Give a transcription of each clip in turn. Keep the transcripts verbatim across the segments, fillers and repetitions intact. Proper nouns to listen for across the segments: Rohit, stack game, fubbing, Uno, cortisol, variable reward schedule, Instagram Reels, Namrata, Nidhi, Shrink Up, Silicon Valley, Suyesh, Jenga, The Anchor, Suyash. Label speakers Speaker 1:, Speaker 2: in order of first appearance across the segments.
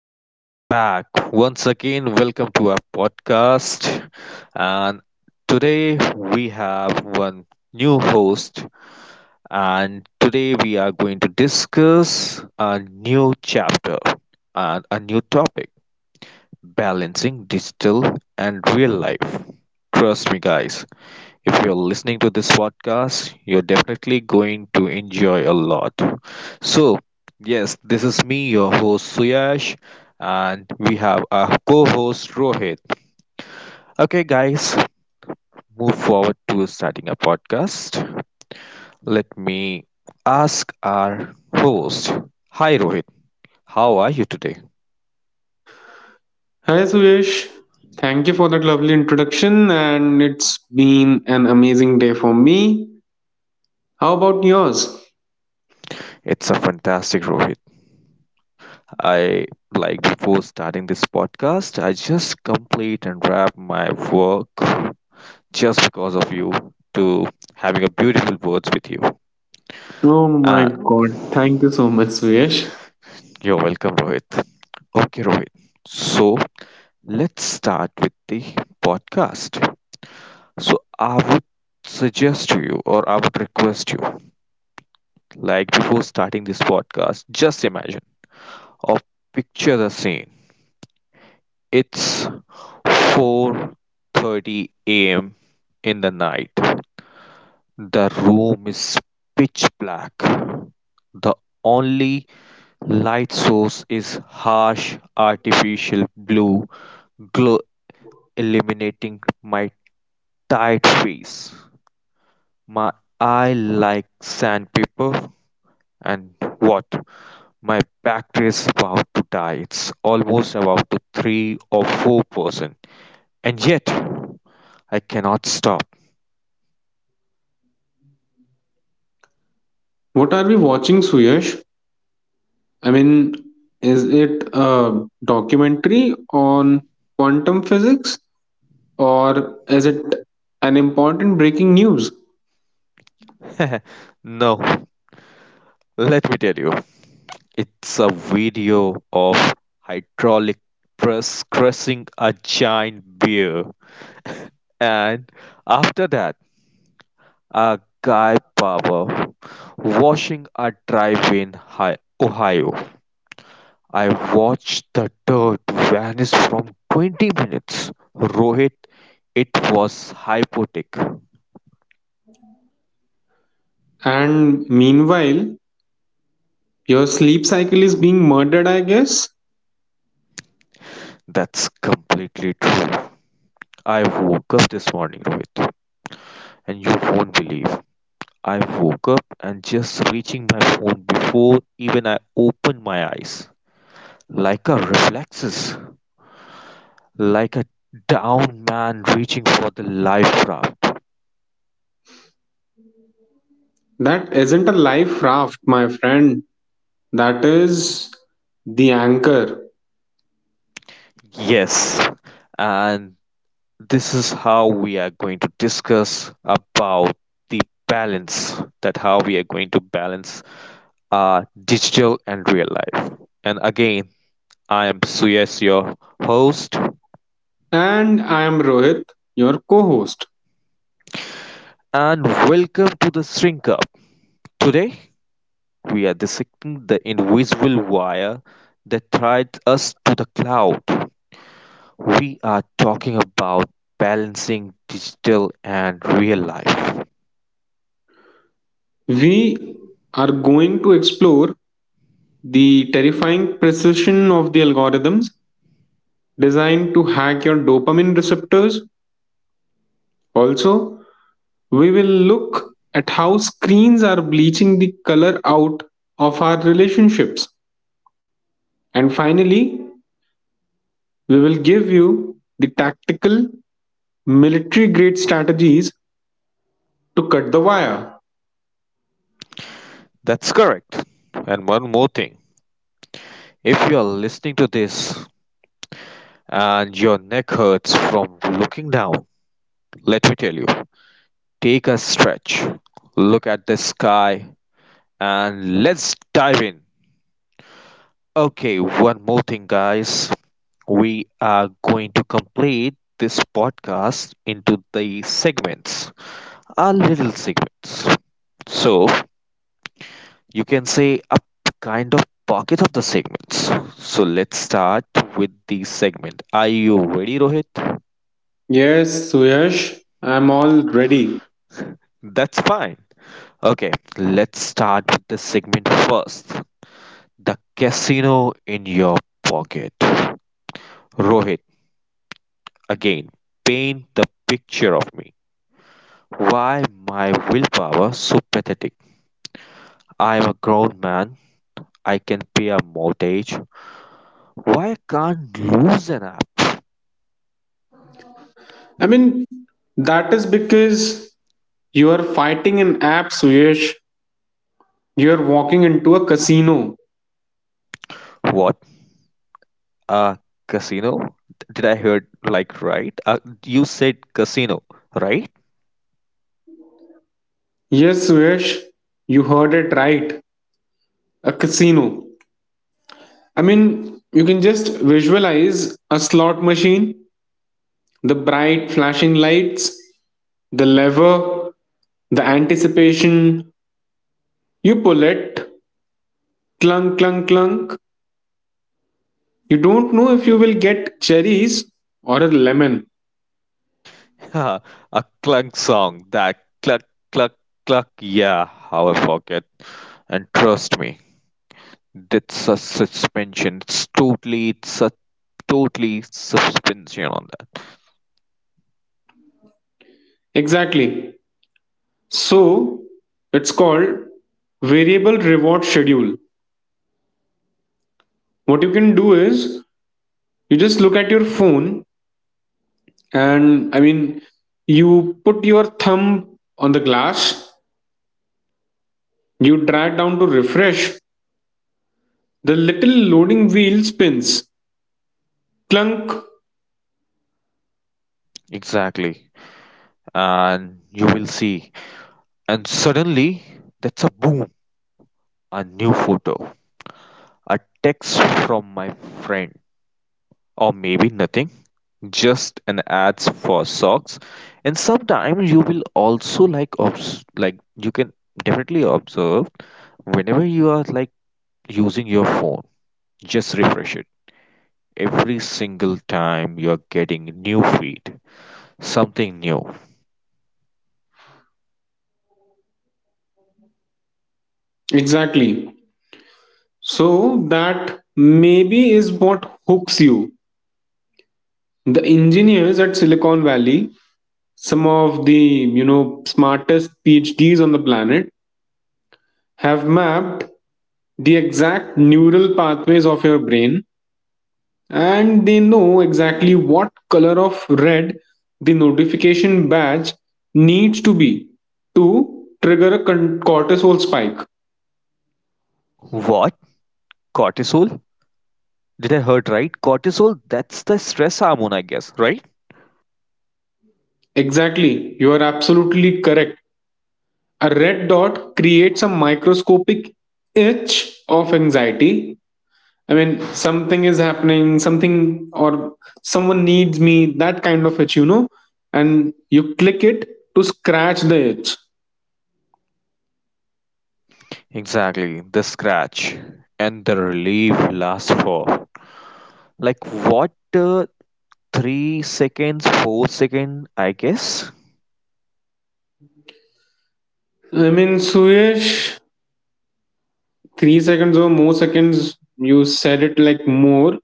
Speaker 1: Welcome back once again. Welcome to our podcast. And today we have one new host, and today we are going to discuss a new chapter and a new topic balancing digital and real life. Trust me, guys, if you're listening to this podcast, you're definitely going to enjoy a lot. So, yes, this is me, your host Suyash, and we have our co host Rohit. Okay, guys, move forward to starting a podcast. Let me ask our host. Hi, Rohit. How are you today?
Speaker 2: Hi Suyesh, thank you for that lovely introduction, and it's been an amazing day for me. How about yours?
Speaker 1: It's a fantastic Rohit. I like before starting this podcast, I just complete and wrap my work just because of you to having a beautiful words with you.
Speaker 2: Oh my
Speaker 1: Uh,
Speaker 2: god, thank you so much, Suyesh.
Speaker 1: you're welcome, Rohit. Okay, Rohit. So let's start with the podcast. So I would suggest to you, or I would request you, like before starting this podcast, just imagine or picture the scene. It's four thirty a m in the night. The room is pitch black; the only light source is harsh artificial blue glow illuminating my tired face. My eye like sandpaper and what? My battery is about to die. It's almost about to three or four percent. And yet I cannot stop.
Speaker 2: What are we watching, Suyesh? I mean, is it a documentary on quantum physics, or is it an important breaking news?
Speaker 1: No, let me tell you. It's a video of hydraulic press crushing a giant beer, and after that, a guy barber washing a drive in Hi- Ohio. I watched the dirt vanish from twenty minutes. Rohit, it was hypotic.
Speaker 2: And meanwhile, your sleep cycle is being murdered, I guess?
Speaker 1: That's completely true. I woke up this morning, Rohit, and you won't believe I woke up and just reaching my phone before even I opened my eyes. Like a reflexes, like a down man reaching for the life raft.
Speaker 2: That isn't a life raft, my friend. That is The Anchor.
Speaker 1: Yes, and this is how we are going to discuss about the balance that how we are going to balance our digital and real life. And again, I am Suyas, your host,
Speaker 2: And I am Rohit, your co host.
Speaker 1: and welcome to the Shrink Up. Today, we are dissecting the invisible wire that ties us to the cloud. We are talking about balancing digital and real life.
Speaker 2: We are going to explore the terrifying precision of the algorithms designed to hack your dopamine receptors. Also, we will look at how screens are bleaching the color out of our relationships. And finally, we will give you the tactical military grade strategies to cut the wire.
Speaker 1: That's correct. And one more thing if you are listening to this and your neck hurts from looking down, let me tell you take a stretch, look at the sky, and let's dive in. Okay, one more thing, guys. We are going to complete this podcast into the segments, a little segments. So you can say a kind of pocket of the segments. So let's start with the segment. Are you ready, Rohit?
Speaker 2: Yes, Suyash, I'm all ready.
Speaker 1: That's fine. Okay, let's start with the segment first. The casino in your pocket. Rohit, again, paint the picture of me. Why my willpower so pathetic? I'm a grown man. I can pay a mortgage. Why I can't lose an app?
Speaker 2: I mean, that is because you are fighting an app, Suyash. You are walking into a casino.
Speaker 1: What? A casino? Did I heard like right? Uh, you said casino, right?
Speaker 2: Yes, Suyash, you heard it right. A casino. I mean, you can just visualize a slot machine, the bright flashing lights, the lever, the anticipation. You pull it, clunk, clunk, clunk. You don't know if you will get cherries or a lemon.
Speaker 1: A clunk song. That cluck cluck cluck. Yeah, how I forget. And trust me, that's a suspension. It's totally, it's a totally suspension on that.
Speaker 2: Exactly. So it's called variable reward schedule. What you can do is you just look at your phone and I mean, you put your thumb on the glass, you drag down to refresh, the little loading wheel spins. Clunk.
Speaker 1: Exactly. And you will see. And suddenly, that's a boom. A new photo, a text from my friend, or maybe nothing, just an ads for socks. And sometimes you will also like obs like you can definitely observe whenever you are like using your phone, just refresh it. Every single time you're getting new feed, something new.
Speaker 2: Exactly. So that maybe is what hooks you. The engineers at Silicon Valley, some of the you know smartest PhDs on the planet, have mapped the exact neural pathways of your brain, and they know exactly what color of red the notification badge needs to be to trigger a con- cortisol spike.
Speaker 1: What? Cortisol? Did I heard right? Cortisol, that's the stress hormone, I guess, right?
Speaker 2: Exactly, you are absolutely correct. A red dot creates a microscopic itch of anxiety. I mean, something is happening, something or someone needs me, that kind of itch, you know, and you click it to scratch the itch.
Speaker 1: Exactly, the scratch and the relief lasts for like what uh, three seconds, four seconds, I guess.
Speaker 2: I mean, Suyesh, three seconds or more seconds, you said it like more,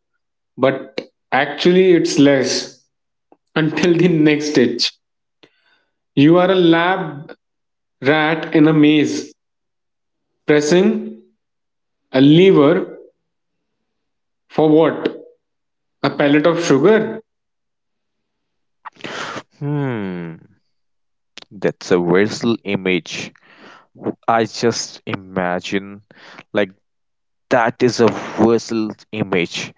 Speaker 2: but actually it's less until the next itch. You are a lab rat in a maze, pressing a lever for what? A pellet of sugar?
Speaker 1: Hmm, that's a whistle image. W- I just imagine like that is a whistle image.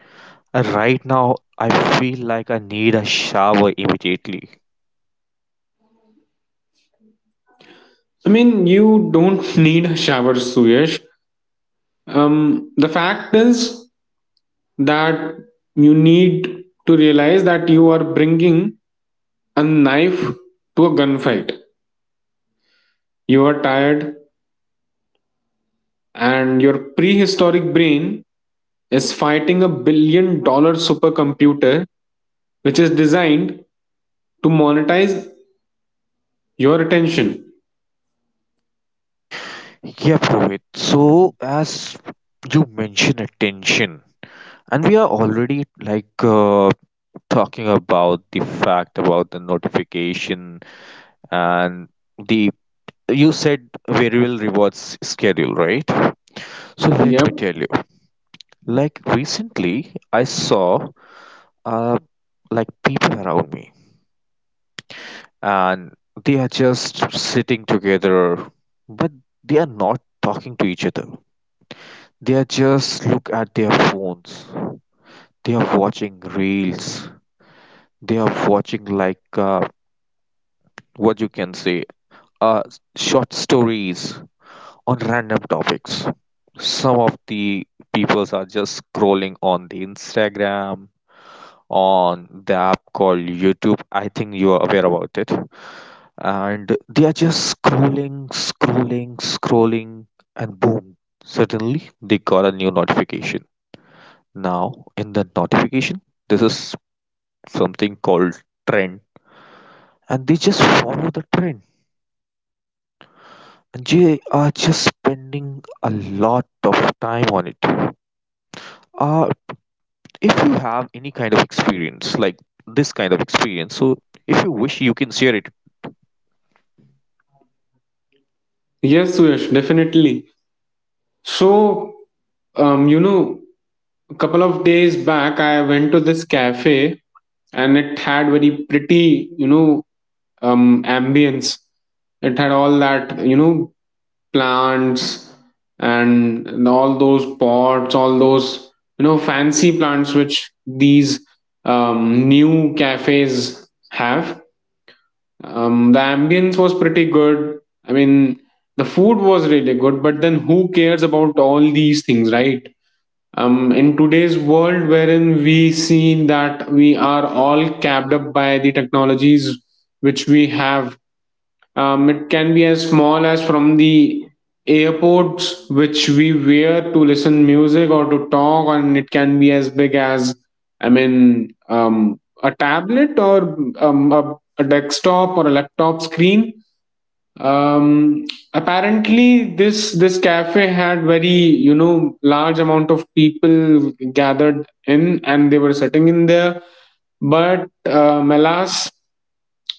Speaker 1: And right now, I feel like I need a shower immediately.
Speaker 2: I mean, you don't need a shower, Suyesh. Um, the fact is that you need to realize that you are bringing a knife to a gunfight. You are tired, and your prehistoric brain is fighting a billion dollar supercomputer which is designed to monetize your attention.
Speaker 1: Yeah, Rohit. So, as you mentioned attention, and we are already like uh, talking about the fact about the notification and the you said variable rewards schedule, right? So let
Speaker 2: Yep.
Speaker 1: me tell you, like recently I saw uh like people around me and they are just sitting together but they are not talking to each other. They are just look at their phones. They are watching reels. They are watching like uh, what you can say uh short stories on random topics. Some of the peoples are just scrolling on the Instagram, on the app called YouTube. I think you are aware about it. And they are just scrolling, scrolling, scrolling, and boom, suddenly they got a new notification. Now, in the notification, this is something called trend, and they just follow the trend. And they are just spending a lot of time on it. Uh, if you have any kind of experience like this kind of experience so if you wish you can share it.
Speaker 2: Yes, Suyash, definitely. So, um, you know, a couple of days back, I went to this cafe, and it had very pretty, you know, um, ambience. It had all that, you know, plants and all those pots, all those, you know, fancy plants which these um, new cafes have. Um, the ambience was pretty good. I mean, the food was really good, but then who cares about all these things, right? Um, in today's world, wherein we see that we are all capped up by the technologies which we have, um, it can be as small as from the airports which we wear to listen music or to talk, and it can be as big as, I mean, um, a tablet or um, a, a desktop or a laptop screen. um Apparently, this this cafe had very, you know large amount of people gathered in, and they were sitting in there, but um, alas,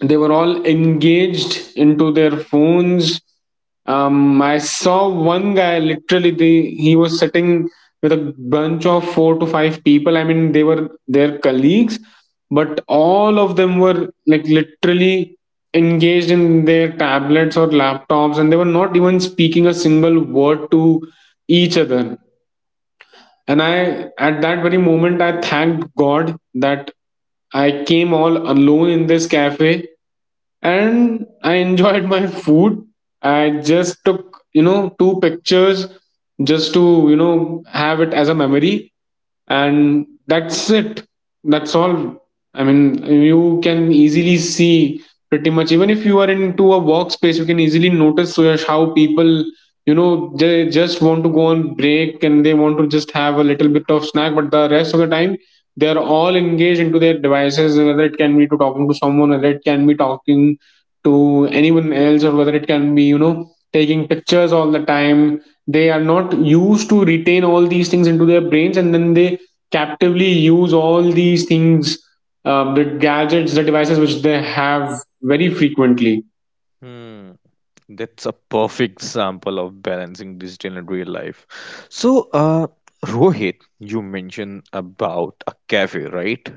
Speaker 2: they were all engaged into their phones. um, I saw one guy literally they he was sitting with a bunch of four to five people. I mean, they were their colleagues, but all of them were like literally engaged in their tablets or laptops, and they were not even speaking a single word to each other. And I, at that very moment, I thanked God that I came all alone in this cafe, and I enjoyed my food. I just took, you know, two pictures just to, you know, have it as a memory. And that's it. That's all. I mean, you can easily see pretty much, even if you are into a workspace, you can easily notice uh, how people, you know they just want to go on break, and they want to just have a little bit of snack, but the rest of the time, they are all engaged into their devices, whether it can be to talking to someone, whether it can be talking to anyone else, or whether it can be, you know taking pictures all the time. They are not used to retain all these things into their brains, and then they captively use all these things, uh, the gadgets, the devices which they have, very frequently.
Speaker 1: Hmm, that's a perfect sample of balancing digital and real life. So, uh, Rohit, you mentioned about a cafe, right?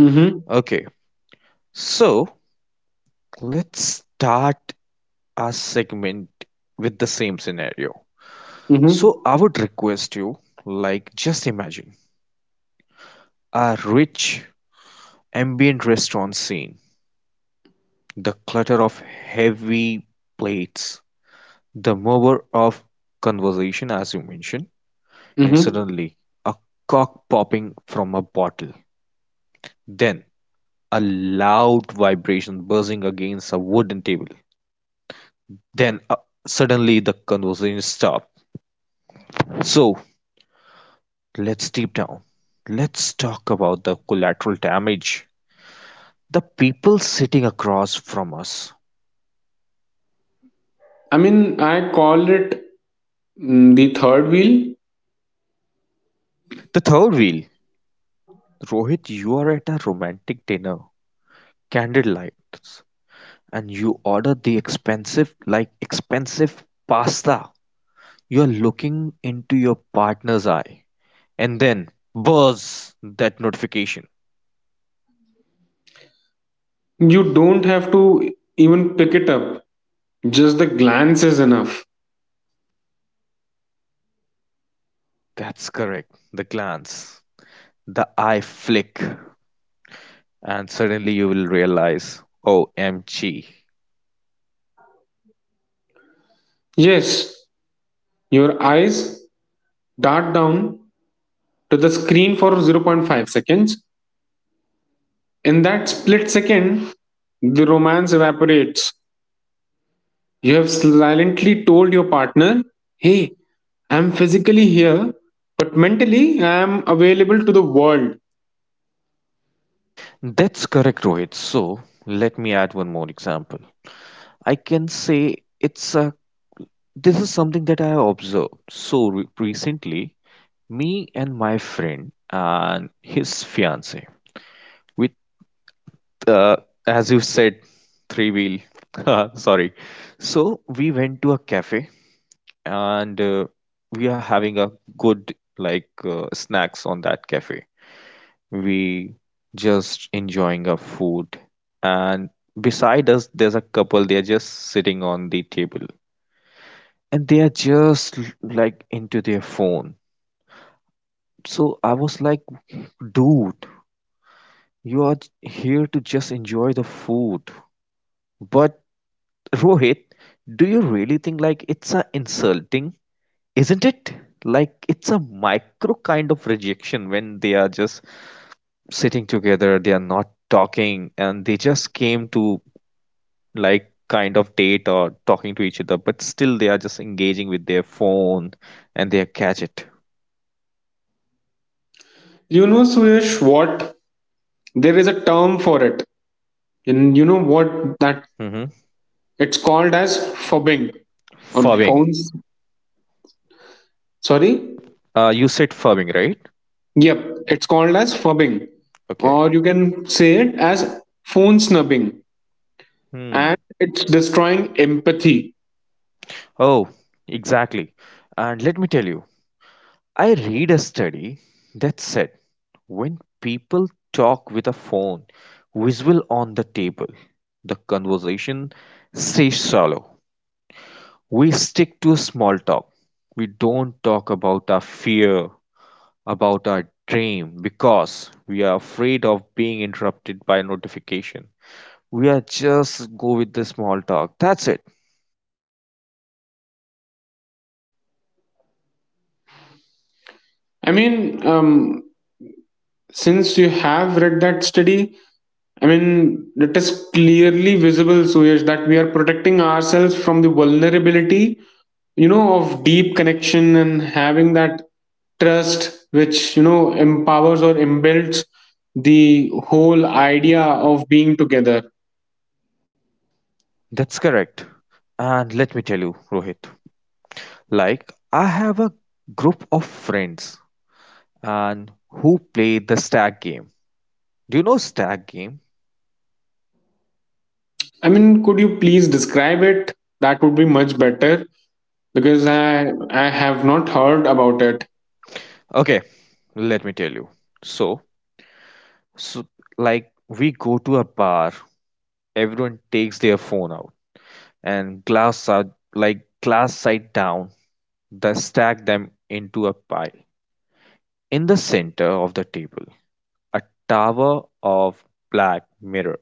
Speaker 2: Mm-hmm,
Speaker 1: Okay, so let's start our segment with the same scenario.
Speaker 2: mm-hmm,
Speaker 1: So, I would request you, like, just imagine a rich ambient restaurant scene. The clutter of heavy plates, the murmur of conversation as you mentioned, and
Speaker 2: mm-hmm.
Speaker 1: suddenly a cork popping from a bottle, then a loud vibration buzzing against a wooden table, then uh, suddenly the conversation stopped. So let's deep down. Let's talk about the collateral damage. The people sitting across from us.
Speaker 2: I mean, I call it, mm, the third wheel.
Speaker 1: The third wheel. Rohit, you are at a romantic dinner. Candlelight and you order the expensive, like expensive pasta, you're looking into your partner's eye. And then, buzz, that notification.
Speaker 2: You don't have to even pick it up, just the glance is enough.
Speaker 1: That's correct, the glance, the eye flick, and suddenly you will realize, O M G.
Speaker 2: Yes, your eyes dart down to the screen for zero point zero point five seconds. In that split second, the romance evaporates. You have silently told your partner, "Hey, I'm physically here, but mentally I am available to the world."
Speaker 1: That's correct, Rohit. So, let me add one more example. I can say it's a this is something that I observed. So re- recently, me and my friend and his fiance with uh, as you said three wheel sorry so we went to a cafe and uh, we are having a good like uh, snacks on that cafe we just enjoying our food and beside us there's a couple they are just sitting on the table and they are just l- like into their phone. So I was like, dude, you are j- here to just enjoy the food but Rohit, do you really think like it's a insulting? Isn't it? Like it's a micro kind of rejection when they are just sitting together, they are not talking, and they just came to like kind of date or talking to each other, but still they are just engaging with their phone and their gadget.
Speaker 2: You know, Suyash, what? There is a term for it. And you know what, that
Speaker 1: Mm-hmm.
Speaker 2: it's called as fubbing or
Speaker 1: Fubbing.
Speaker 2: phones. Sorry.
Speaker 1: Uh, you said fubbing, right?
Speaker 2: Yep, it's called as fubbing,
Speaker 1: Okay.
Speaker 2: or you can say it as phone snubbing,
Speaker 1: Hmm.
Speaker 2: and it's destroying empathy.
Speaker 1: Oh, exactly. And let me tell you, I read a study that said when people talk with a phone visual on the table, the conversation stays shallow. We stick to small talk. We don't talk about our fear, about our dream, because we are afraid of being interrupted by notification. We are just go with the small talk. That's it.
Speaker 2: I mean, um, since you have read that study, I mean, it is clearly visible, Suyash, that we are protecting ourselves from the vulnerability, you know, of deep connection and having that trust which, you know, empowers or embeds the whole idea of being together.
Speaker 1: That's correct. And let me tell you, Rohit, like I have a group of friends and who play the stack game. Do you know stack game?
Speaker 2: I mean, could you please describe it? That would be much better because I I have not heard about it.
Speaker 1: Okay, let me tell you. So, so like we go to a bar, everyone takes their phone out and glass are like glass side down, they stack them into a pile. In the center of the table, a tower of black mirror.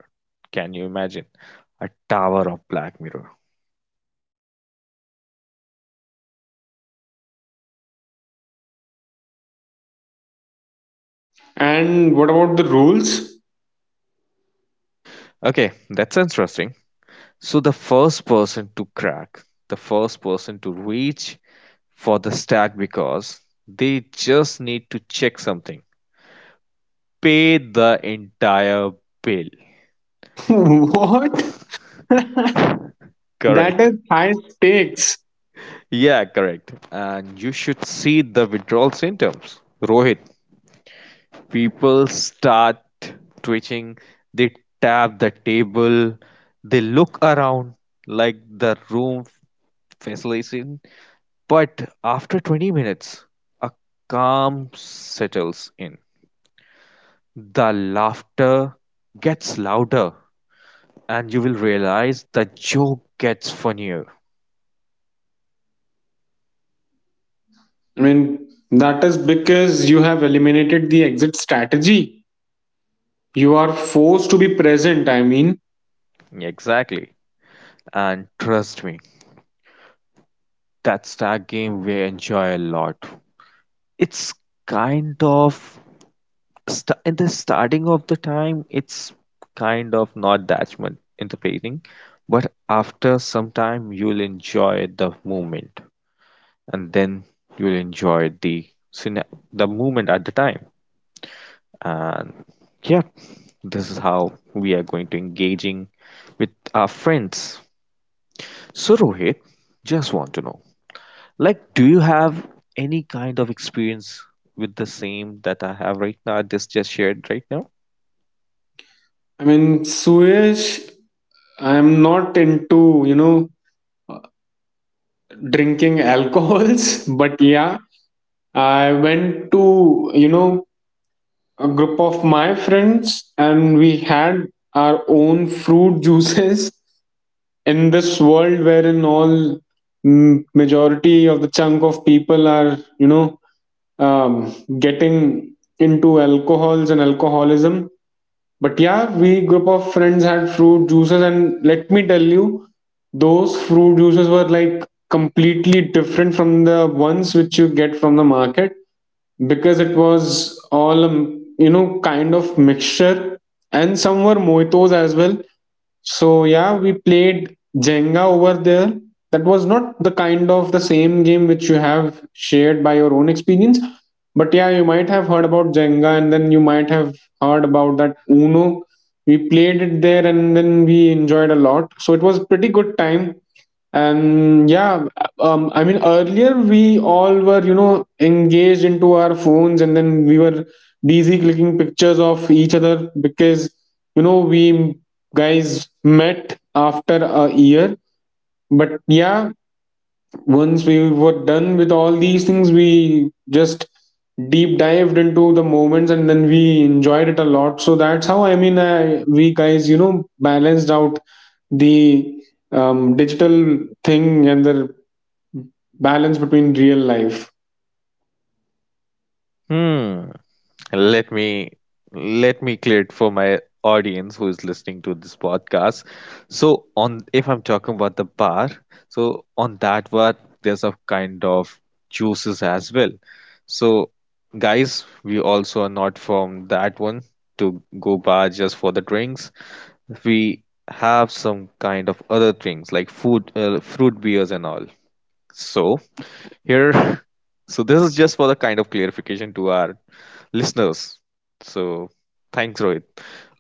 Speaker 1: Can you imagine? A tower of black mirror.
Speaker 2: And what about the rules?
Speaker 1: Okay, that sounds interesting. So the first person to crack, the first person to reach for the stack because they just need to check something. Pay the entire bill.
Speaker 2: What? That is
Speaker 1: Correct.
Speaker 2: high stakes.
Speaker 1: Yeah, correct. And you should see the withdrawal symptoms. Rohit, people start twitching, they tap the table, they look around like the room facilitates. But after twenty minutes, a calm settles in. The laughter gets louder, and you will realize the joke gets funnier.
Speaker 2: I mean, that is because you have eliminated the exit strategy. You are forced to be present. I mean,
Speaker 1: Exactly. And trust me, that stack game we enjoy a lot. It's kind of st- in the starting of the time, it's kind of not that much in the beginning, but after some time, you'll enjoy the moment. And then you'll enjoy the scene, the movement at the time. And yeah, this is how we are going to engaging with our friends. So Rohit, just want to know, like do you have any kind of experience with the same that I have right now, I just just shared right now.
Speaker 2: I mean, Suyesh, I am not into, you know, drinking alcohols, but yeah, I went to, you know, a group of my friends, and we had our own fruit juices in this world wherein all, mm, majority of the chunk of people are, you know um, getting into alcohols and alcoholism. But yeah, we group of friends had fruit juices, and let me tell you, those fruit juices were like completely different from the ones which you get from the market because it was all a m- you know kind of mixture, and some were mojitos as well. So yeah, we played Jenga over there. That was not the kind of the same game which you have shared by your own experience, but yeah, you might have heard about Jenga, and then you might have heard about that Uno. We played it there, and then we enjoyed a lot, so it was pretty good time. And yeah, um, I mean, earlier we all were, you know engaged into our phones, and then we were busy clicking pictures of each other because, you know we guys met after a year. But yeah, once we were done with all these things, we just deep dived into the moments, and then we enjoyed it a lot. So that's how, i mean I, we guys, you know balanced out the, um, digital thing and the balance between real life.
Speaker 1: Hmm. Let me let me clear it for my audience who is listening to this podcast. So on if I'm talking about the bar, so on that bar there's a kind of juices as well. So guys, we also are not from that one to go bar just for the drinks. We have some kind of other things like food, uh, fruit beers and all. So here so this is just for the kind of clarification to our listeners. So thanks, Rohit.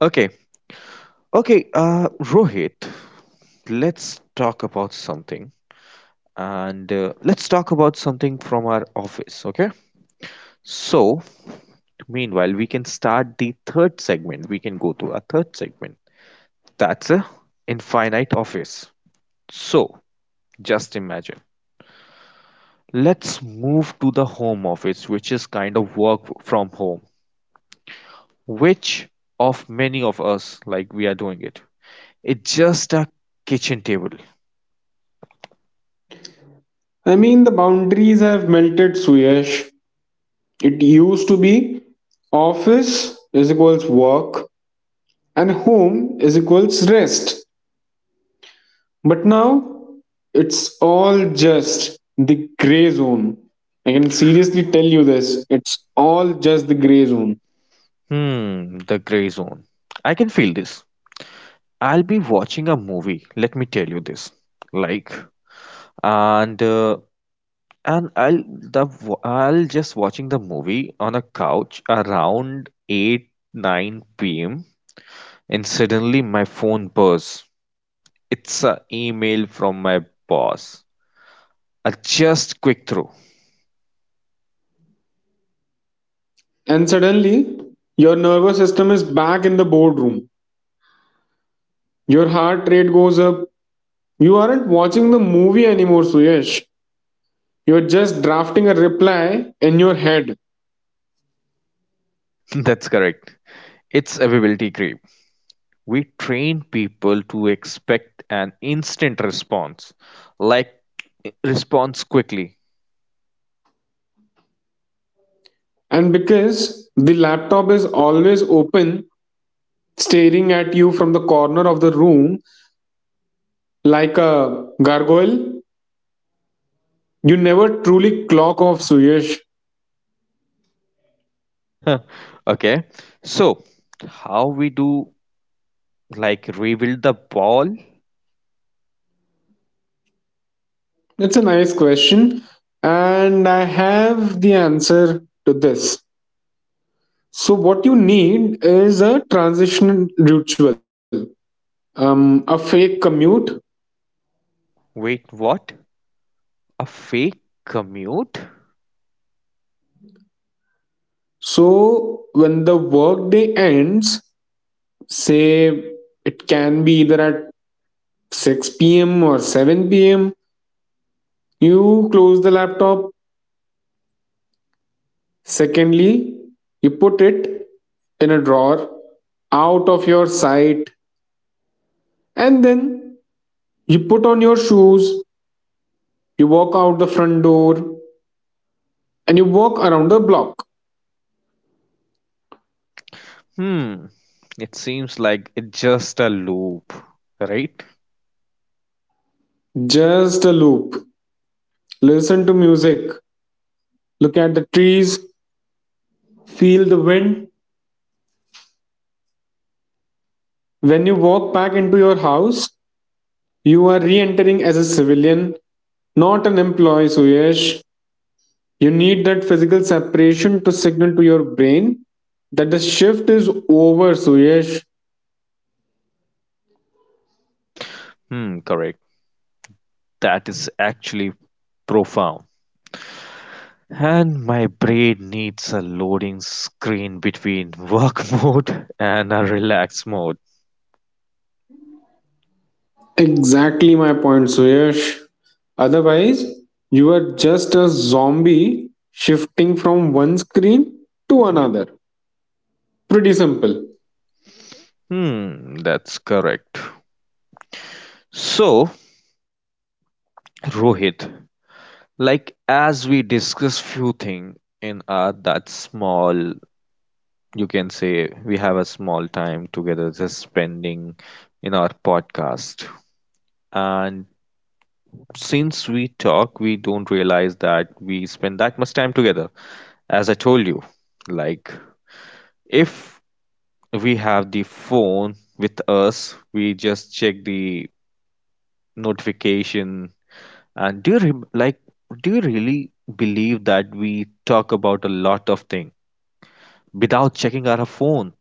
Speaker 1: Okay. Okay uh Rohit, let's talk about something. And uh, Let's talk about something from our office, okay? So meanwhile we can start the third segment. We can go to our third segment That's a infinite office. So just imagine, let's move to the home office, which is kind of work from home, which of many of us, like we are doing it. It's just a kitchen table.
Speaker 2: I mean, the boundaries have melted, Suyash. It used to be office is equals work and home is equals rest. But now it's all just the gray zone. I can seriously tell you this, it's all just the gray zone.
Speaker 1: Hmm, the gray zone. I can feel this. I'll be watching a movie, let me tell you this. Like and uh, and i'll the i i'll just watching the movie on a couch around eight nine p.m. And suddenly my phone buzz, it's a email from my boss, a just quick through.
Speaker 2: And suddenly, your nervous system is back in the boardroom. Your heart rate goes up. You aren't watching the movie anymore, Suyesh. You're just drafting a reply in your head.
Speaker 1: That's correct. It's availability creep. We train people to expect an instant response, like response quickly.
Speaker 2: And because the laptop is always open, staring at you from the corner of the room like a gargoyle, you never truly clock off, Suyesh.
Speaker 1: Okay, so how we do like rebuild the ball?
Speaker 2: It's a nice question, and I have the answer to this. So, what you need is a transition ritual, um, a fake commute.
Speaker 1: Wait, what? A fake commute?
Speaker 2: So, when the workday ends, say it can be either at six p m or seven p m, you close the laptop. Secondly, you put it in a drawer out of your sight. And then you put on your shoes, you walk out the front door, and you walk around the block.
Speaker 1: Hmm, it seems like it's just a loop, right?
Speaker 2: Just a loop. Listen to music, look at the trees, feel the wind. When you walk back into your house, you are re entering as a civilian, not an employee, Suyesh. You need that physical separation to signal to your brain that the shift is over, Suyesh.
Speaker 1: Hmm, correct. That is actually profound. And my brain needs a loading screen between work mode and a relaxed mode.
Speaker 2: Exactly my point, Suyash. Otherwise, you are just a zombie shifting from one screen to another. Pretty simple.
Speaker 1: Hmm, that's correct. So, Rohit, like as we discuss few things in our that small, you can say we have a small time together just spending in our podcast. And since we talk, we don't realize that we spend that much time together. As I told you, like if we have the phone with us. We just check the notification. And do you rem like do you really believe that we talk about a lot of things without checking our phone?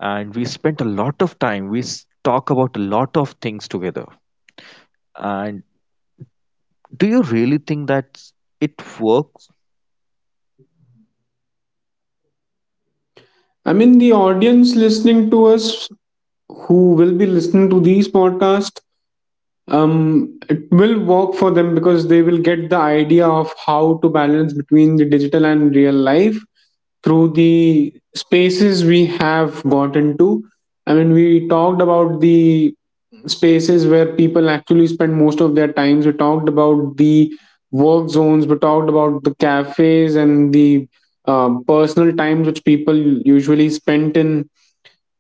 Speaker 1: And we spent a lot of time. We s- talk about a lot of things together. And do you really think that it works?
Speaker 2: I mean, the audience listening to us who will be listening to these podcasts, um it will work for them because they will get the idea of how to balance between the digital and real life through the spaces we have got into. I mean, we talked about the spaces where people actually spend most of their times. We talked about the work zones. We talked about the cafes and the, uh, personal times which people usually spent in.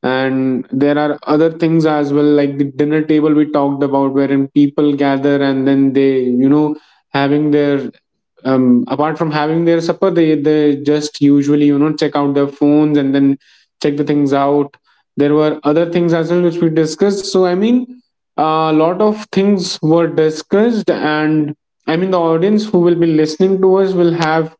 Speaker 2: And there are other things as well, like the dinner table we talked about, wherein people gather and then they, you know having their, um, apart from having their supper, they they just usually, you know check out their phones and then check the things out. There were other things as well which we discussed. So I mean, a lot of things were discussed, and I mean, the audience who will be listening to us will have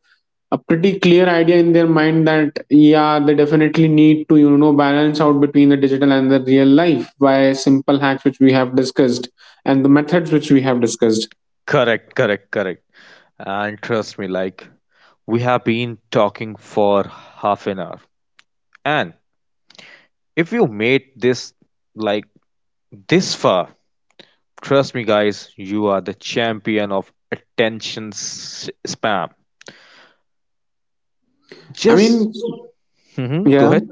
Speaker 2: a pretty clear idea in their mind that yeah, they definitely need to, you know balance out between the digital and the real life by simple hacks which we have discussed and the methods which we have discussed.
Speaker 1: Correct, correct, correct. And trust me, like we have been talking for half an hour. And if you made this like this far, trust me, guys, you are the champion of attention s- spam.
Speaker 2: i mean
Speaker 1: Just hmm, go
Speaker 2: yeah,
Speaker 1: ahead.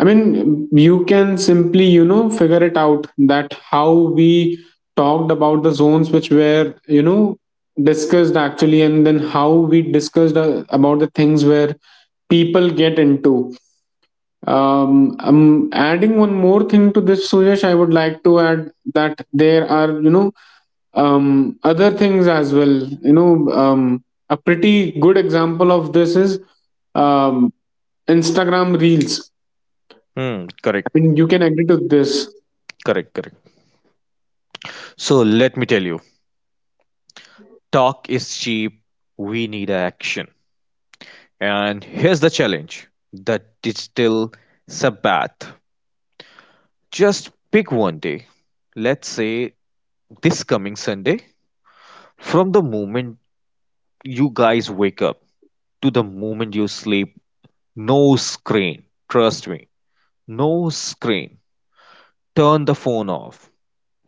Speaker 2: I mean, you can simply, you know figure it out that how we talked about the zones which were, you know discussed actually, and then how we discussed, uh, about the things where people get into. Um, I'm adding one more thing to this, Suyash. I would like to add that there are, you know, um, other things as well. You know, um, a pretty good example of this is, um, Instagram Reels.
Speaker 1: Hmm,
Speaker 2: I
Speaker 1: correct,
Speaker 2: mean, you can agree to this,
Speaker 1: correct, correct. So let me tell you, talk is cheap. We need action. And here's the challenge: the digital sabbath. Just pick one day. Let's say this coming Sunday. From the moment you guys wake up to the moment you sleep, no screen. Trust me, no screen. Turn the phone off.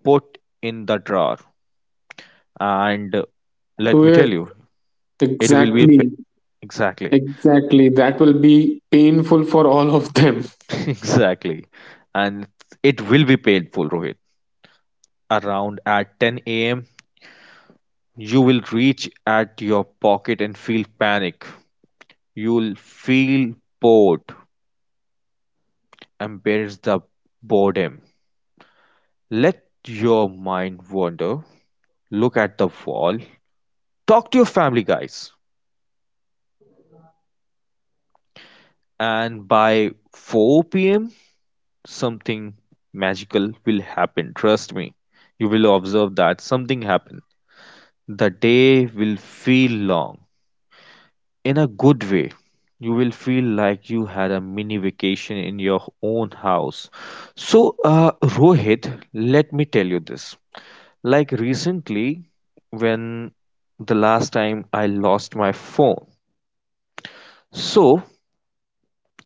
Speaker 1: Put in the drawer. And let me
Speaker 2: Suyash.
Speaker 1: tell you, it will be pa-
Speaker 2: Exactly,
Speaker 1: exactly,
Speaker 2: exactly. That will be painful for all of them.
Speaker 1: exactly, and it will be painful, Rohit. Around at ten a m, you will reach at your pocket and feel panic. You'll feel bored, embrace the boredom. Let your mind wander. Look at the wall. Talk to your family, guys. And by four p m, something magical will happen. Trust me, you will observe that something happen. The day will feel long in a good way. You will feel like you had a mini vacation in your own house. So, uh, Rohit, let me tell you this. Like recently, when the last time I lost my phone. So,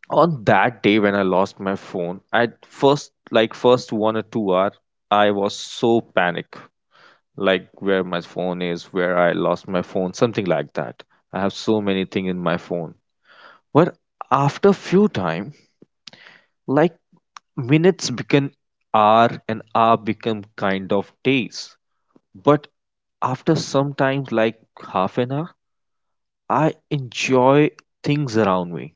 Speaker 1: on that day when I lost my phone, I first like first one or two hour I was so panic, like where my phone is, where I lost my phone, something like that. I have so many things in my phone. But after few time, like minutes become hour and hour become kind of days. But after some time, like half an hour, I enjoy things around me.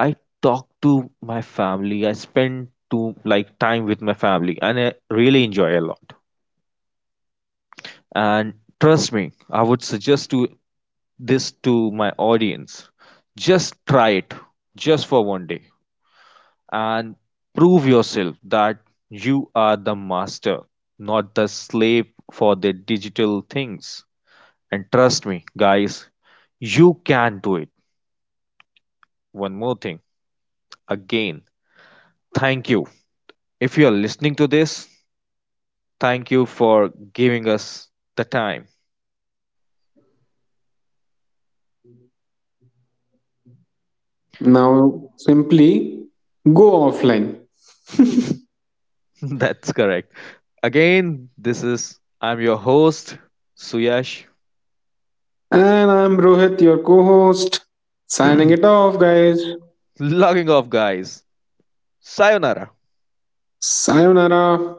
Speaker 1: I talk to my family. I spend to like time with my family, and I really enjoy a lot. And trust me, I would suggest to this to my audience, just try it just for one day and prove yourself that you are the master, not the slave for the digital things. And trust me, guys, you can do it. One more thing, again, thank you. If you are listening to this, thank you for giving us the time.
Speaker 2: Now, simply go offline.
Speaker 1: That's correct. Again, this is, I'm your host, Suyash.
Speaker 2: And I'm Rohit, your co host, signing it off, guys.
Speaker 1: Logging off, guys. Sayonara.
Speaker 2: Sayonara.